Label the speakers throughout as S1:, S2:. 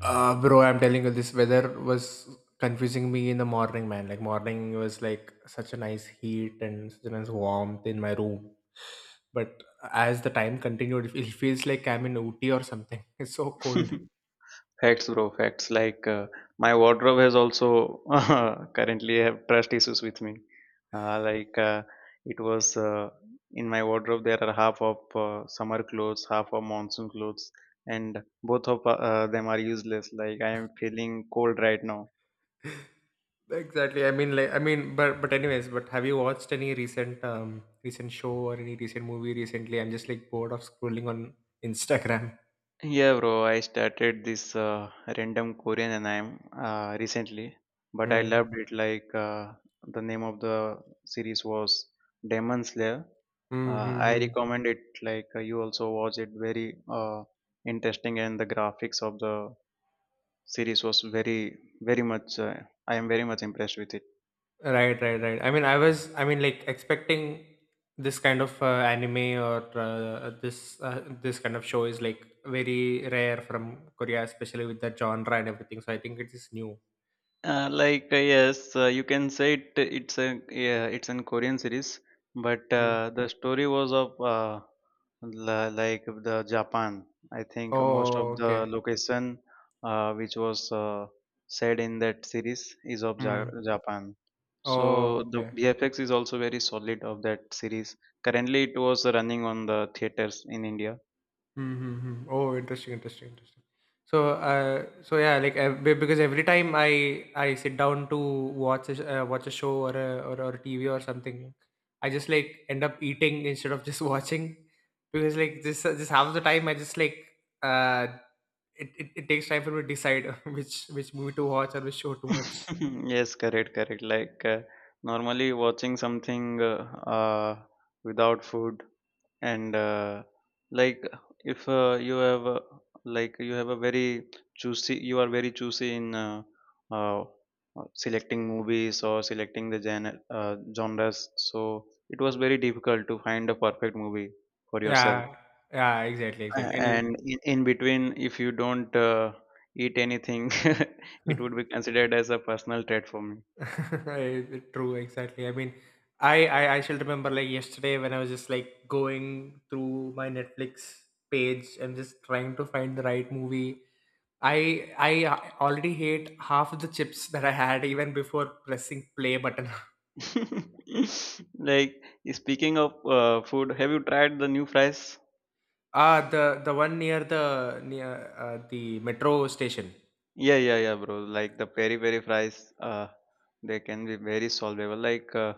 S1: Bro, I'm telling you, this weather was confusing me in the morning, man. Like morning was like such a nice heat and such a nice warmth in my room. But as the time continued, it feels like I'm in Ooty or something. It's so cold.
S2: Facts, bro. Facts. Like my wardrobe has also currently have trust issues with me. Like it was in my wardrobe there are half of summer clothes, half of monsoon clothes, and both of them are useless. Like I am feeling cold right now.
S1: Exactly. I mean, like, I mean, but anyways, but have you watched any recent recent show or any recent movie recently? I'm just like bored of scrolling on Instagram.
S2: Yeah, bro. I started this random Korean anime recently, but I
S1: Mm.
S2: loved it. Like the name of the series was Demon Slayer. I
S1: Mm-hmm.
S2: recommend it. Like you also watch it, very uh, interesting, and the graphics of the series was very very much. I am very much impressed with it.
S1: Right, right, right. I mean, like expecting this kind of anime or this kind of show is like very rare from Korea, especially with the genre and everything. So I think it is new.
S2: Like yes, you can say it. It's a yeah, it's an Korean series, but
S1: Mm.
S2: the story was of like of the Japan. I think most of
S1: Oh,
S2: the
S1: okay.
S2: location which was said in that series is of
S1: Mm.
S2: Japan. So
S1: Oh,
S2: the
S1: okay.
S2: BFX is also very solid of that series. Currently, it was running on the theaters in India.
S1: Mm-hmm. Oh, interesting, interesting, interesting. So, yeah, like because every time I sit down to watch watch a show or a or TV or something, I just like end up eating instead of just watching, because like this just half the time I just like uh, it takes time for me to decide which movie to watch or which show to watch.
S2: Yes, correct, correct. Like normally watching something uh, without food, and like if you have like you have a very choosy, you are very choosy in uh, selecting movies or selecting the genre, genres. So it was very difficult to find a perfect movie for yourself.
S1: Yeah, yeah, exactly,
S2: Uh,
S1: exactly, and
S2: and in between, if you don't eat anything, it would be considered as a personal trait for me.
S1: True, exactly. I mean, I shall remember like yesterday when I was just like going through my Netflix page and just trying to find the right movie. I already hate half of the chips that I had even before pressing play button.
S2: Like, speaking of food, have you tried the new fries?
S1: Ah, the one near the metro station.
S2: Yeah, yeah, yeah, bro. Like the peri peri fries, they can be very solvable. Like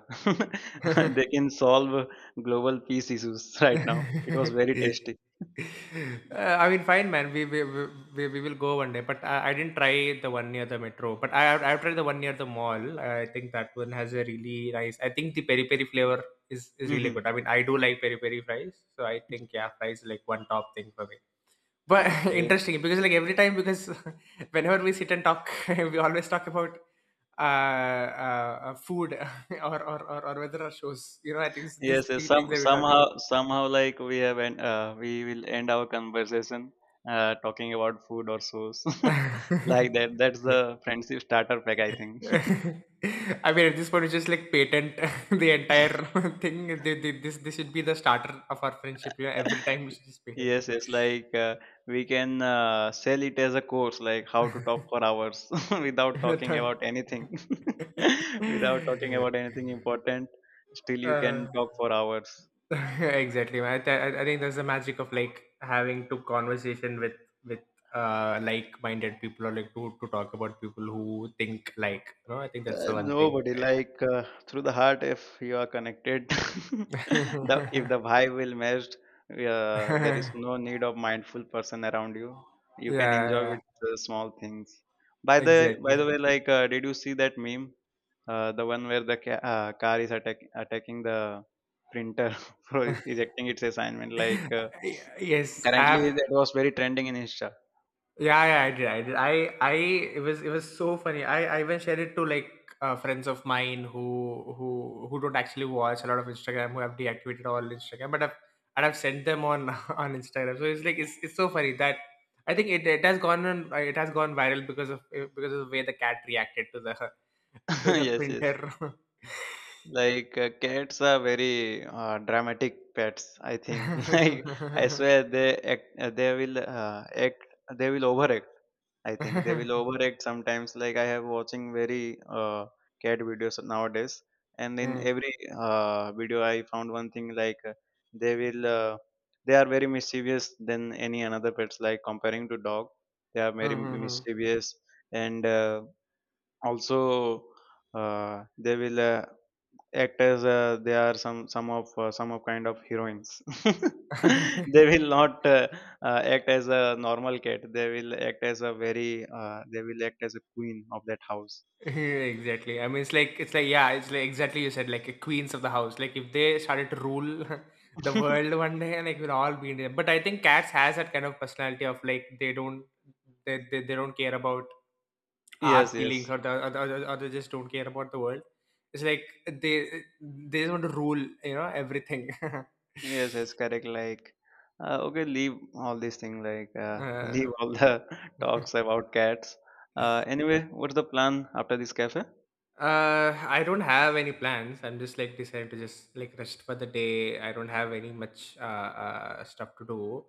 S2: they can solve global peace issues. Right now, it was very tasty.
S1: I mean, fine, man. We will go one day. But I didn't try the one near the metro. But I've tried the one near the mall. I think that one has a really nice. I think the peri peri flavor is really
S2: Hmm.
S1: good. I mean, I do like peri peri fries, so I think yeah, fries is like one top thing for me. But
S2: Okay.
S1: interesting because like every time because whenever we sit and talk, we always talk about food or whether our shows. You know, I think it's these
S2: Yes, yes.
S1: three things
S2: Some
S1: that we talk.
S2: somehow somehow like we will end our conversation talking about food or sauce,
S1: I
S2: like that. That's the friendship starter pack, I think.
S1: mean, at this point, we just like patent the entire thing. They, this this should be the starter of our friendship. Yeah, every time we should just patent
S2: Yes, yes. Like we can sell it as a course, like how to talk for hours without
S1: the
S2: talking
S1: time.
S2: about anything, without talking about anything important. Still, you
S1: uh,
S2: can talk for hours.
S1: exactly. Man. I, th- I think that's the magic of like having to conversation with with like-minded people or like to talk about people who think like. No, I think that's the one thing.
S2: Nobody,
S1: Yeah.
S2: like, through the heart, if you are connected, the if the vibe will meshed. There is
S1: yeah,
S2: no need of mindful person around you can enjoy
S1: yeah.
S2: with small things. by the by the
S1: Exactly.
S2: way like did you see that meme, the one where the car is attacking the printer for ejecting its assignment? Like
S1: Yes, I
S2: currently,
S1: have.
S2: that was very trending in Insta.
S1: Yeah, yeah, I did. I did. It was so funny. I even shared it to like friends of mine who, who don't actually watch a lot of Instagram, who have deactivated all Instagram, but I've sent them on on Instagram. So it's like it's so funny that I think it has gone on, it has gone viral because of because of the way the cat reacted to the to the
S2: Yes, yes.
S1: printer.
S2: Like cats are very dramatic pets, I think. Like, I swear they will overact. I think they will overact sometimes. Like, I have watching very cat videos nowadays, and in
S1: Hmm.
S2: every video I found one thing. Like they will uh, they are very mischievous than any another pets. Like comparing to dog, they are very
S1: Hmm, hmm, hmm.
S2: mischievous, and also they will. Actors, they are some of kind of heroines. They will not act as a normal cat. They will act as a queen of that house.
S1: exactly. I mean, it's like yeah, it's like exactly you said like a queens of the house. Like if they started to rule the world one day, like we'll all be in there. But I think cats has that kind of personality of like they don't care about our
S2: Yes,
S1: feelings
S2: yes,
S1: or the, or they just don't care about the world. It's like they just want to rule, you know, everything.
S2: yes, yes, correct. Like okay, leave all these things. Like leave
S1: uh,
S2: all the talks about cats. Anyway, what's the plan after this cafe?
S1: I don't have any plans. I'm just like decided to just like rest for the day. I don't have any much stuff to do.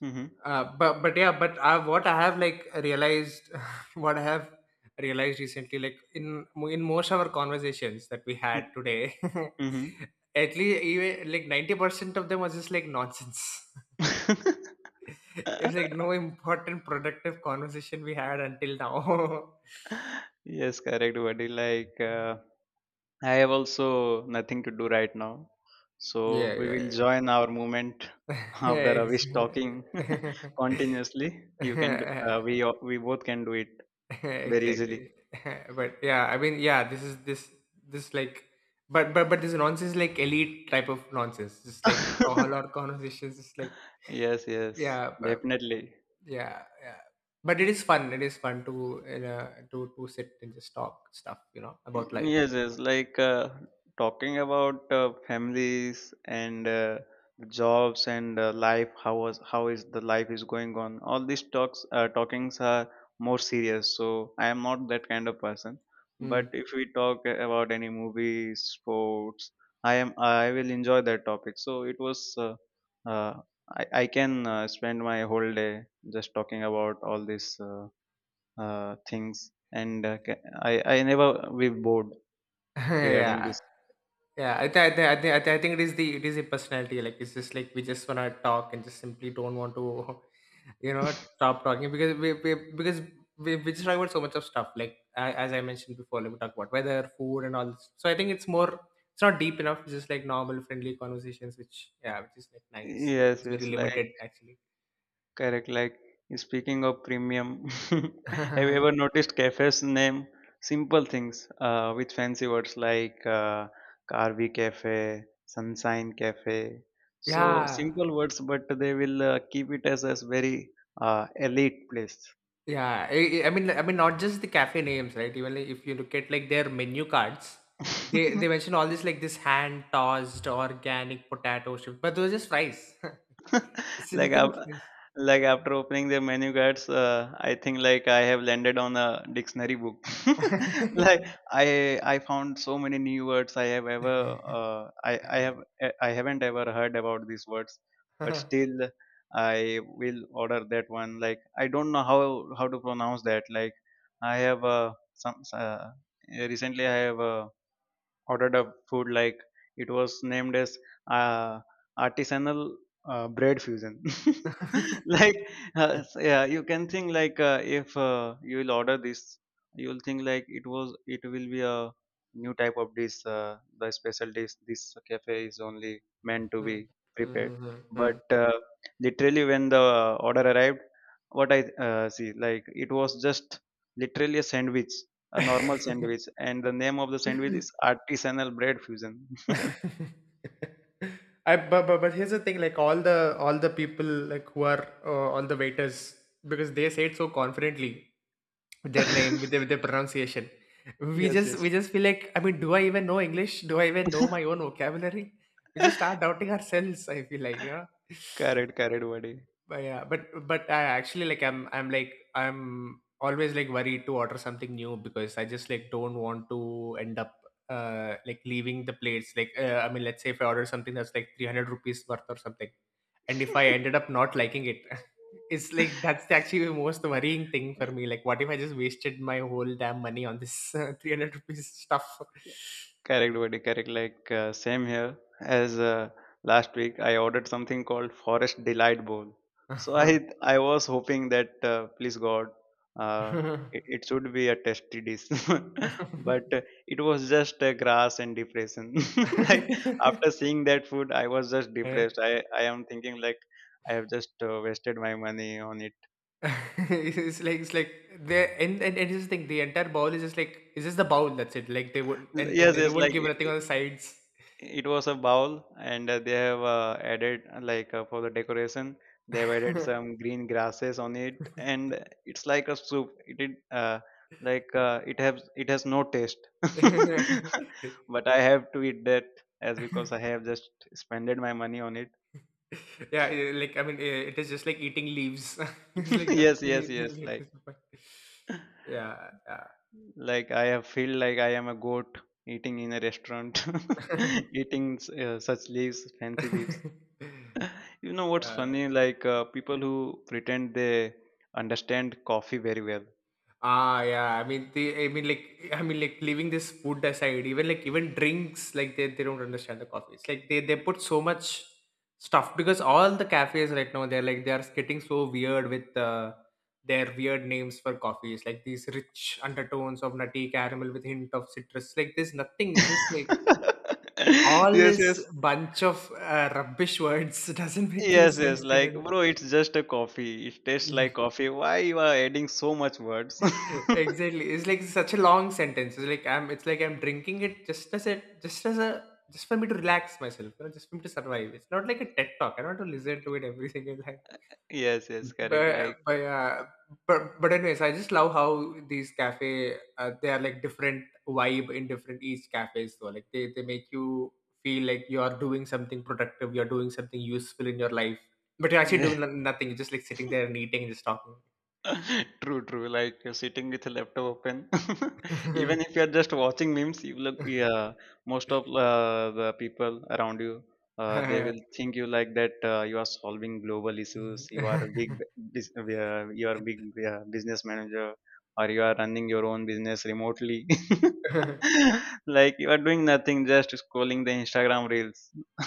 S2: Mm-hmm.
S1: But yeah, but what I have like realized, what I have realized recently, like in most of our conversations that we had today,
S2: Mm-hmm.
S1: at least even like 90% of them was just like nonsense. It's like no important productive conversation we had until now.
S2: Yes, correct, buddy. Like I have also nothing to do right now. So
S1: yeah,
S2: we will
S1: yeah,
S2: join our movement after
S1: Ex-
S2: Avish talking continuously. You can, do- we o- We both can do it very easily.
S1: exactly. But yeah, I mean, yeah, this is this this like but this nonsense, like elite type of nonsense, just like a whole lot of conversations. It's like
S2: Yes, yes,
S1: yeah, but
S2: definitely.
S1: yeah yeah but it is fun. It is fun to to sit and just talk stuff, you know, about
S2: Mm.
S1: life.
S2: Yes, yes. Like talking about families and the jobs and life. How is the life is going on? All these talks, talkings are more serious. So I am not that kind of person. But
S1: Hmm.
S2: if we talk about any movies, sports, I will enjoy that topic. So it was. Uh, I can spend my whole day just talking about all these things, and I never will bored regarding
S1: yeah,
S2: this.
S1: yeah. I, th- I, th- I, th- I, th- I think it is the, it is the personality, like it's just like we just want to talk and just simply don't want to you know stop talking because we just talk about so much of stuff like as I mentioned before, like we talk about weather, food and all this. So I think it's more, it's not deep enough, it's just like normal friendly conversations, which yeah, which is like nice.
S2: Yes,
S1: It's very
S2: yes, like
S1: limited actually.
S2: correct. Like, speaking of premium, have you ever noticed cafes name simple things with fancy words like Carvi Cafe, Sunshine Cafe? So
S1: yeah.
S2: simple words, but they will keep it as a very elite place.
S1: Yeah, I mean, I mean, not just the cafe names, right? Even like, if you look at like their menu cards, they mention all this like this hand tossed organic potato chips, but those are just fries. It's
S2: Like
S1: nothing but fries.
S2: like after opening the menu guides, I think like I have landed on a dictionary book. Like, I found so many new words. Uh, i i have I haven't ever heard about these words, but still I will order that one. Like, I don't know how to pronounce that. Like, I have some uh, recently I have ordered a food. Like, it was named as uh, artisanal bread fusion. Like yeah, you can think like if you will order this, you will think like it will be a new type of dish. The special dish this cafe is only meant to
S1: Mm,
S2: be prepared.
S1: mm,
S2: But
S1: mm,
S2: literally, when the order arrived, what I see, like it was just literally a sandwich, a normal
S1: mm, mm.
S2: sandwich, and the name of the sandwich is artisanal bread fusion.
S1: I but here's the thing, like all the people like who are all the waiters because they say it so confidently with their name with with their pronunciation. We
S2: Yes,
S1: just
S2: yes.
S1: we just feel like I mean, do I even know English? Do I even know my own vocabulary? We just start doubting ourselves. I feel like yeah.
S2: Correct, correct, buddy.
S1: But yeah, but I actually like I'm always like worried to order something new because I just like don't want to end up like leaving the plates. Like I mean, let's say if I order something that's like 300 rupees worth or something, and if I ended up not liking it, it's like that's actually the most worrying thing for me. Like, what if I just wasted my whole damn money on this 300 rupees stuff?
S2: Correct, buddy. Correct. Like same here as last week. I ordered something called Forest Delight Bowl. So I was hoping that please God, uh, it should be a tasty dish, but it was just grass and depression. Like, after seeing that food, I was just
S1: Eh?
S2: depressed. I am thinking like I have just wasted my money on it.
S1: It's like the and here's the thing, the entire bowl is just like it's just the bowl, that's it. Like they would and, and,
S2: Yes,
S1: and they
S2: yes.
S1: wouldn't
S2: Like,
S1: give nothing
S2: it
S1: on the sides.
S2: it was a bowl, and they have added, like for the decoration they have added some green grasses on it, and it's like a soup. It did Like it has no taste. But I have to eat that as because I have just spended my money on it.
S1: Yeah, like I mean it is just like eating leaves. It's like
S2: Yes,
S1: nothing
S2: yes,
S1: at
S2: yes. like
S1: this point. Yeah,
S2: like I have feel like I am a goat eating in a restaurant, eating such leaves, fancy
S1: yeah.
S2: leaves. You know what's
S1: yeah.
S2: funny? Like people who pretend they understand coffee very well.
S1: Ah, yeah. I mean, they, I mean, like, leaving this food aside, even like, even drinks, like, they don't understand the coffee. It's like they put so much stuff because all the cafes right now they're like they are getting so weird with their weird names for coffees, like these rich undertones of nutty caramel with hint of citrus. Like, there's nothing. It's just like all
S2: Yes,
S1: this
S2: yes,
S1: bunch of rubbish words doesn't make any
S2: yes, yes.
S1: sense
S2: Like,
S1: together.
S2: bro, it's just a coffee. It tastes
S1: Yeah.
S2: like coffee. Why you are adding so much words?
S1: Exactly. It's like such a long sentence. It's like I'm drinking it just as a just for me to relax myself, you know, just for me to survive. It's not like a TED talk. I don't want to listen to it every single time.
S2: Yes, yes,
S1: Mm.
S2: correct. Like.
S1: But yeah. But anyways, I just love how these cafe they are like different vibe in different each cafes. So like they make you feel like you are doing something productive, you are doing something useful in your life, but you're actually doing nothing. You're just like sitting there and eating and just talking.
S2: True, true. Like, you're sitting with a laptop open, even if you're just watching memes, you look. Yeah, most of the people around you, they will think you like that. You are solving global issues. You are a big,
S1: Mhm.
S2: bus- Yeah, you are a big business manager, or you are running your own business remotely. Like, you are doing nothing, just scrolling the Instagram reels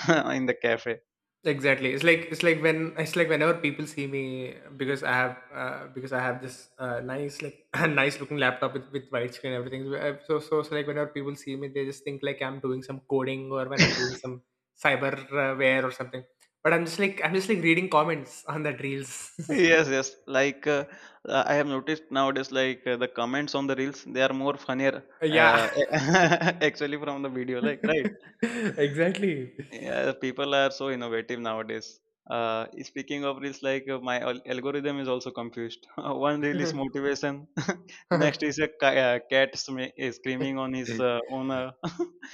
S2: in the cafe.
S1: exactly. It's like whenever people see me because I have because I have this nice like nice looking laptop with white screen and everything. So like whenever people see me they just think like I'm doing some coding or when I'm doing some cyberware or something, but I'm just like reading comments on that reels.
S2: Yes, yes, like I have noticed nowadays, like the comments on the reels, they are more funnier,
S1: Yeah.
S2: uh, actually, from the video, like, right?
S1: Exactly.
S2: Yeah, people are so innovative nowadays. Speaking of reels, like my algorithm is also confused. One reel is motivation, next is a cat is screaming on his owner,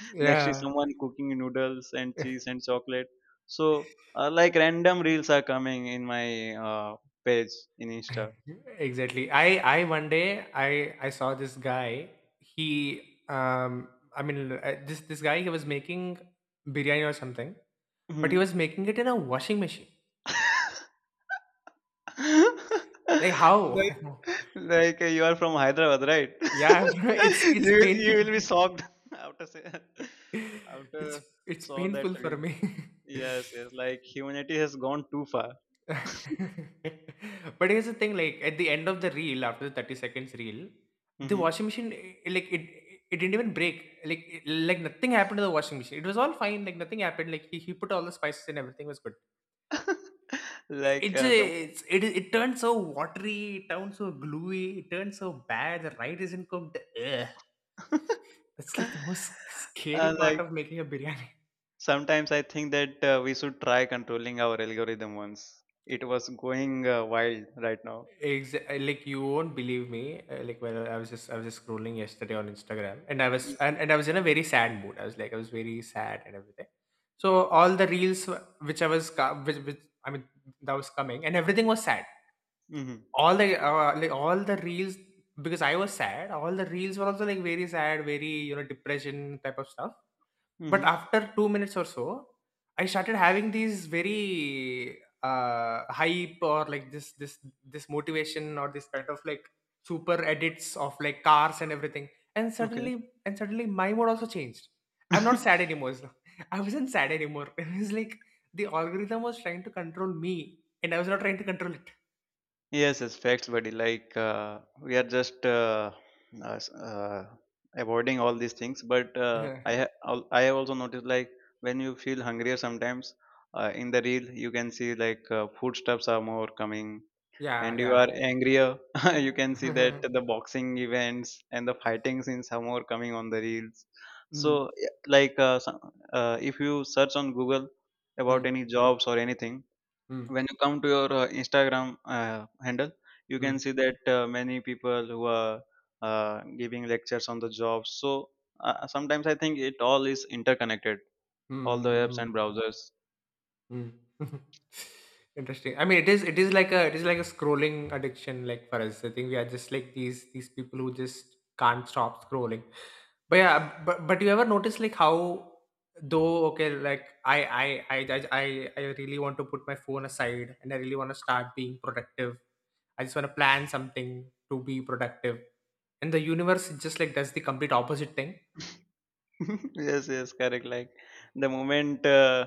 S2: next is
S1: Yeah,
S2: someone cooking noodles and cheese and chocolate. So, like, random reels are coming in my page in Insta.
S1: exactly. I one day i I saw this guy. He um i mean uh, this this guy he was making biryani or something, but he was
S2: Mhm.
S1: making it in a washing machine. Like,
S2: Like
S1: how?
S2: like, you are from Hyderabad, right?
S1: Yeah. it's
S2: You
S1: it's
S2: will you
S1: painful.
S2: will be shocked, after say,
S1: it's
S2: after
S1: it's
S2: saw that
S1: painful for
S2: reel.
S1: me.
S2: Yes, yes. Like humanity has gone too far.
S1: But here's the thing, like at the end of the reel, after the 30 seconds reel, the
S2: Hmm.
S1: washing machine like it didn't even break. Like nothing happened to the washing machine. It was all fine, like nothing happened. Like he put all the spices and everything was good. It
S2: Like
S1: it ju-
S2: the
S1: it's, it turned so watery, it turned so gluey, it turned so bad, the rice isn't cooked. Ugh. That's like the most scary part
S2: Like,
S1: of making a biryani.
S2: sometimes I think that we should try controlling our algorithm once. It was going wild right now.
S1: Exactly. Like you won't believe me. Like when I was just scrolling yesterday on Instagram, and I was in a very sad mood. I was very sad and everything. So all the reels wh- which I was co- which I mean that was coming, and everything was sad
S2: Mm-hmm.
S1: all the like all the reels because I was sad. All the reels were also like very sad, very depression type of stuff. But
S2: Mm-hmm.
S1: after 2 minutes or so, I started having these very hype or like this this motivation or this kind of like super edits of like cars and everything. And suddenly my mood also changed. I'm
S2: Okay.
S1: not sad anymore. I wasn't sad anymore. It was like the algorithm was trying to control me, and I was not trying to control it.
S2: Yes, it's facts, buddy. Like we are just uh, s- uh, avoiding all these things. But I ha- al- I have also noticed, like, when you feel hungrier sometimes, in the reel you can see, like, foodstuffs are more coming,
S1: Yeah,
S2: and you are
S1: yeah.
S2: angrier, you can see that the boxing events and the fighting scenes are more coming on the reels.
S1: Mm.
S2: So, yeah, like if you search on Google about
S1: Mm,
S2: any jobs or anything,
S1: mm,
S2: when you come to your Instagram handle, you can
S1: mm,
S2: see that many people who are giving lectures on the job. So sometimes I think it all is interconnected,
S1: mm,
S2: all the
S1: mm,
S2: apps and
S1: mm.
S2: browsers.
S1: Mm. Interesting. I mean, it is like a it is like a scrolling addiction, like for us. I think we are just like these people who just can't stop scrolling. But yeah, but you ever notice like how, though? Okay, like I I I really want to put my phone aside and I really want to start being productive. I just want to plan something to be productive, and the universe just like does the complete opposite thing.
S2: Yes, yes, correct. like the moment uh,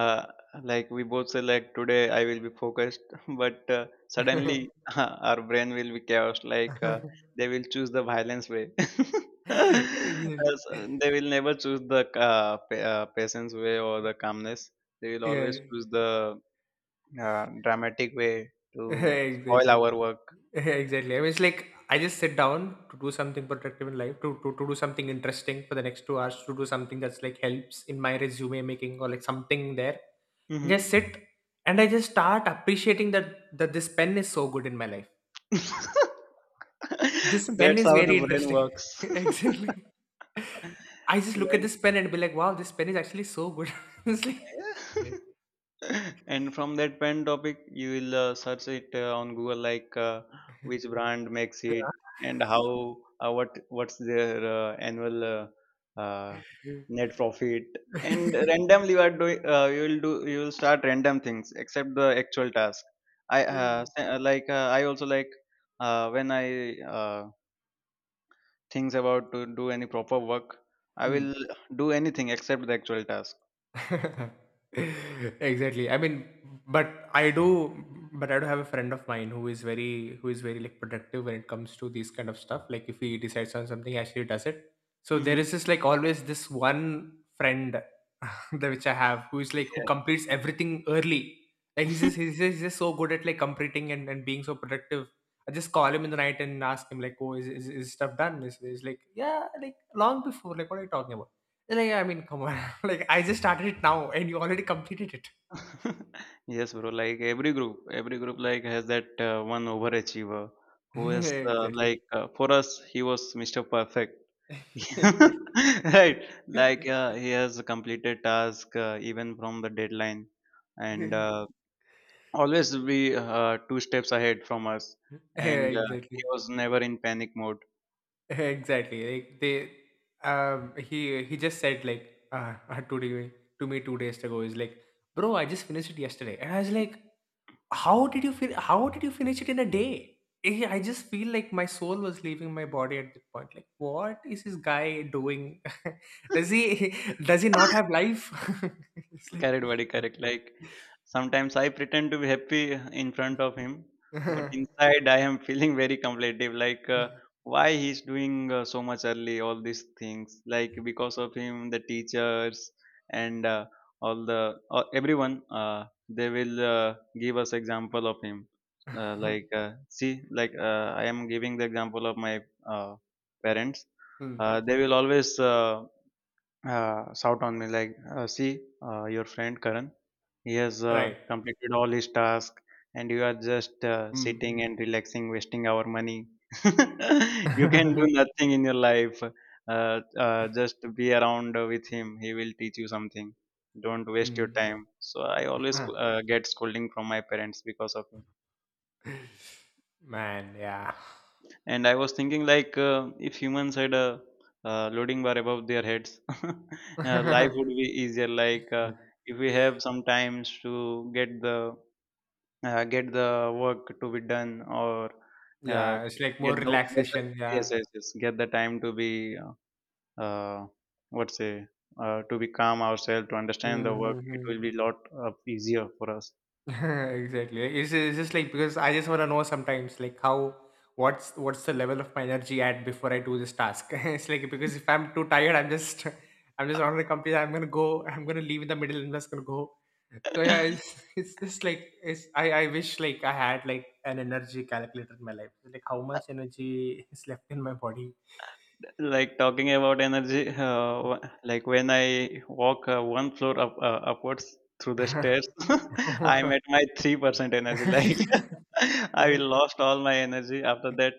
S2: uh, like we both say like today I will be focused, but suddenly our brain will be chaos, like they will choose the violence way.
S1: Exactly.
S2: Uh, so they will never choose the patience way or the calmness. They will always
S1: Yeah.
S2: choose the dramatic way to spoil
S1: Exactly.
S2: our work.
S1: Exactly. I mean, it's like I just sit down to do something productive in life, to do something interesting for the next 2 hours, to do something that's like helps in my resume making or like something there. I
S2: Hmm.
S1: just sit and I just start appreciating that this pen is so good in my life.
S2: That's
S1: This pen is
S2: how
S1: very
S2: the brain
S1: interesting.
S2: works.
S1: Exactly. I just look at
S2: Like.
S1: this pen and be like, wow, this pen is actually so good. It's like, yeah.
S2: And from that pen topic you will search it on Google, like which brand makes it and how, uh, what what's their annual uh, net profit. And randomly you are doing you will do you will start random things except the actual task. i uh,
S1: Hey.
S2: s- uh, like uh, i also like, when I uh, thinks about to do any proper work, I
S1: Hmm.
S2: will do anything except the actual task.
S1: Exactly. I mean, but I do, but I do have a friend of mine who is very like productive when it comes to these kind of stuff. Like if he decides on something, he actually does it. So there
S2: Hmm.
S1: is this like always this one friend that which I have who is like who
S2: Yeah.
S1: completes everything early. Like he's just so good at like completing and being so productive. I just call him in the night and ask him like, oh, is stuff done? Is like yeah, like long before. Like what are you talking about? Like, I mean, come on. Like, I just started it now and you already completed it.
S2: Yes, bro. Like every group like has that one overachiever who is uh,
S1: Exactly.
S2: like uh, for us he was Mr. Perfect.
S1: Exactly.
S2: Right. Like he has completed task even from the deadline, and always be two steps ahead from us.
S1: Yeah,
S2: And he
S1: exactly.
S2: was never in panic mode.
S1: Exactly. Like they he just said like today, to me, 2 days ago, is like, bro, I just finished it yesterday. And I was like, how did you finish it in a day? I just feel like my soul was leaving my body at that point. Like, what is this guy doing? Does he does he not have life? It's like,
S2: Correct, buddy. Correct. Like sometimes I pretend to be happy in front of him, but inside I am feeling very competitive. Like why he's doing so much early, all these things. Like because of him, the teachers and all the everyone, they will give us example of him. Like see, like I am giving the example of my uh, parents.
S1: Hmm.
S2: They will always shout on me like, "See, your friend Karan, he has
S1: Right.
S2: completed all his task, and you are just
S1: Hmm.
S2: sitting and relaxing, wasting our money. You can do nothing in your life. Just be around with him. He will teach you something. Don't waste your
S1: Hmm.
S2: time." So I always get scolding from my parents because of him.
S1: Man, yeah.
S2: And I was thinking like if humans had a loading bar above their heads, life would be easier. Like if we have some times to get the work to be done, or uh,
S1: Yeah, it's like more
S2: get the
S1: relaxation.
S2: yes
S1: Yeah.
S2: yes yes get the time to be uh, what say to be calm ourselves to understand
S1: Hmm,
S2: the work.
S1: hmm,
S2: It
S1: hmm.
S2: will be lot easier for us.
S1: Exactly. Like, it's just like because I just want to know sometimes like how, what's the level of my energy at before I do this task. It's like, because if I'm too tired I'm just, I'm just not gonna complete, I'm gonna go, I'm gonna leave in the middle and just gonna go. So yeah, it's it's just like, it's I wish like I had like an energy calculator in my life, like how much energy is left in my body.
S2: Like talking about energy, like when I walk one floor up upwards through the stairs, I'm at my 3% energy. Like, I
S1: Right?
S2: lost all my energy after that.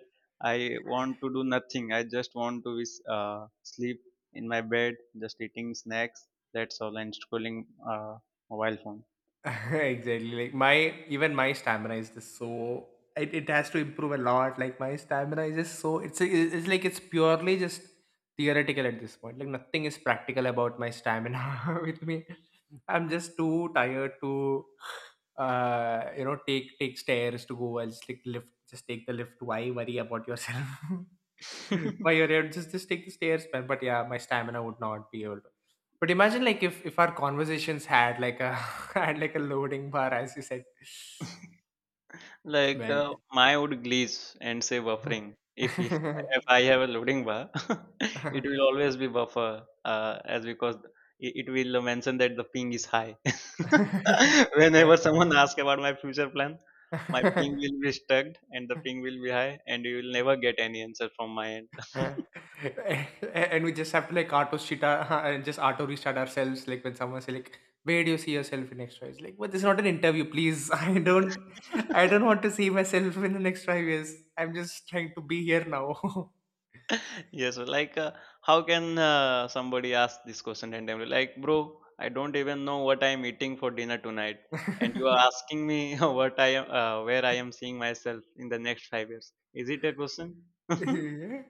S2: I want to do nothing. I just want to sleep in my bed, just eating snacks, that's all, and scrolling uh, mobile phone.
S1: Exactly. Like my, even my stamina is just so, it has to improve a lot. Like my stamina is just so, it's it's purely just theoretical at this point. Like nothing is practical about my stamina with me. I'm just too tired to, you know, take stairs to go. I'll just take lift. Just take the lift. Why worry about yourself? Why you're here? Just take the stairs, man. But yeah, my stamina would not be able to. But imagine like if our conversations had like a had like a loading bar, as you said,
S2: Like,
S1: man.
S2: mine would glitch and say buffering. If he, if I have a loading bar, it will always be buffer, as because it will mention that the ping is high. Whenever someone asks about my future plan, my ping will be stuck and the ping will be high, and you will never get any answer from my end.
S1: Yeah. And we just have to like auto shit our, and just auto restart ourselves, like when someone say like, where do you see yourself in next 5 years? Like, but this is not an interview, please. I don't want to see myself in the next 5 years. I'm just trying to be here now.
S2: Yes, so like how can somebody ask this question randomly? Like, bro, I don't even know what I'm eating for dinner tonight, and you are asking me what I am, where I am seeing myself in the next 5 years. Is it a question?
S1: Yeah.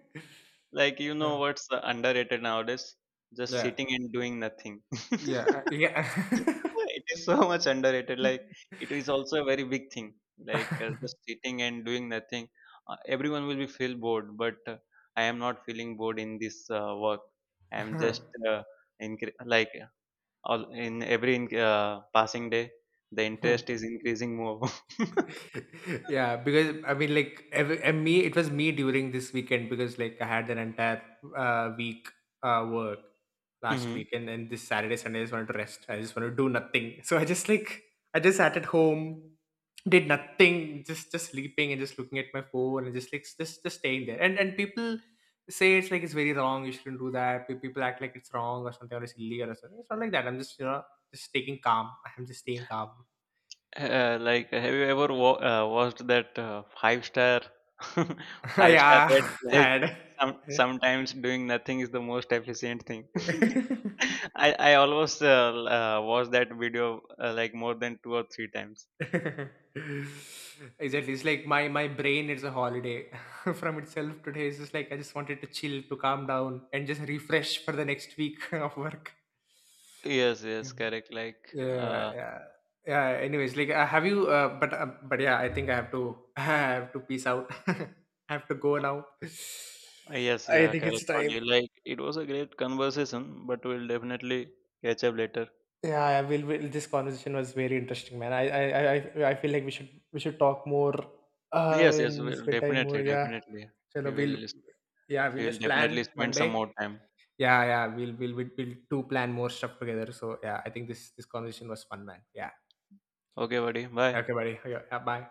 S2: Like, you
S1: Uh,
S2: know what's underrated nowadays? Just
S1: yeah,
S2: sitting and doing nothing.
S1: yeah,
S2: It is so much underrated. Like it is also a very big thing. Like just sitting and doing nothing, everyone will be feel bored. But I am not feeling bored in this work. I am
S1: yeah.
S2: just uh, in like all in every in, passing day, the interest is increasing more.
S1: Yeah, because I mean, like every, and me it was me during this weekend, because like I had an entire week work last
S2: Mhm.
S1: week, and then this Saturday Sunday I just wanted to rest, I just wanted to do nothing. So I just like, I just sat at home, did nothing, just sleeping and just looking at my phone and just like just staying there. And people say it's like it's very wrong, you shouldn't do that. People act like it's wrong or something, or it's illegal or something. It's not like that. I'm just, you know, just taking calm. I'm just staying calm.
S2: Like, have you ever watched that five star, five-star ad?
S1: Yeah.
S2: Like,
S1: And
S2: some sometimes doing nothing is the most efficient thing. I almost watched that video like more than two or three times.
S1: exactly. It's like my brain is a holiday from itself today. It's just like I just wanted to chill, to calm down, and just refresh for the next week of work.
S2: Yes, yes,
S1: Mhm.
S2: correct. Like,
S1: Yeah,
S2: uh,
S1: yeah, yeah. Anyways, like, have you? But Yeah, I think I have to. I have to peace out. I have to go now.
S2: uh, yes,
S1: I
S2: yeah,
S1: think it's
S2: correct. But
S1: time.
S2: you like, it was a great conversation. But we'll definitely catch up later.
S1: Yeah, will. This conversation was very interesting, man. I feel like we should talk more,
S2: Yes, yes,
S1: and
S2: we'll
S1: spend time more.
S2: definitely,
S1: Yeah,
S2: definitely. We
S1: Chalo, we'll,
S2: will,
S1: yeah, we'll
S2: we will
S1: just
S2: definitely
S1: plan one
S2: spend some more
S1: day.
S2: time.
S1: Yeah, we'll do plan more stuff together. So yeah, I think this conversation was fun, man. Yeah.
S2: Okay, buddy. Bye.
S1: Okay, buddy. Okay, yeah, bye.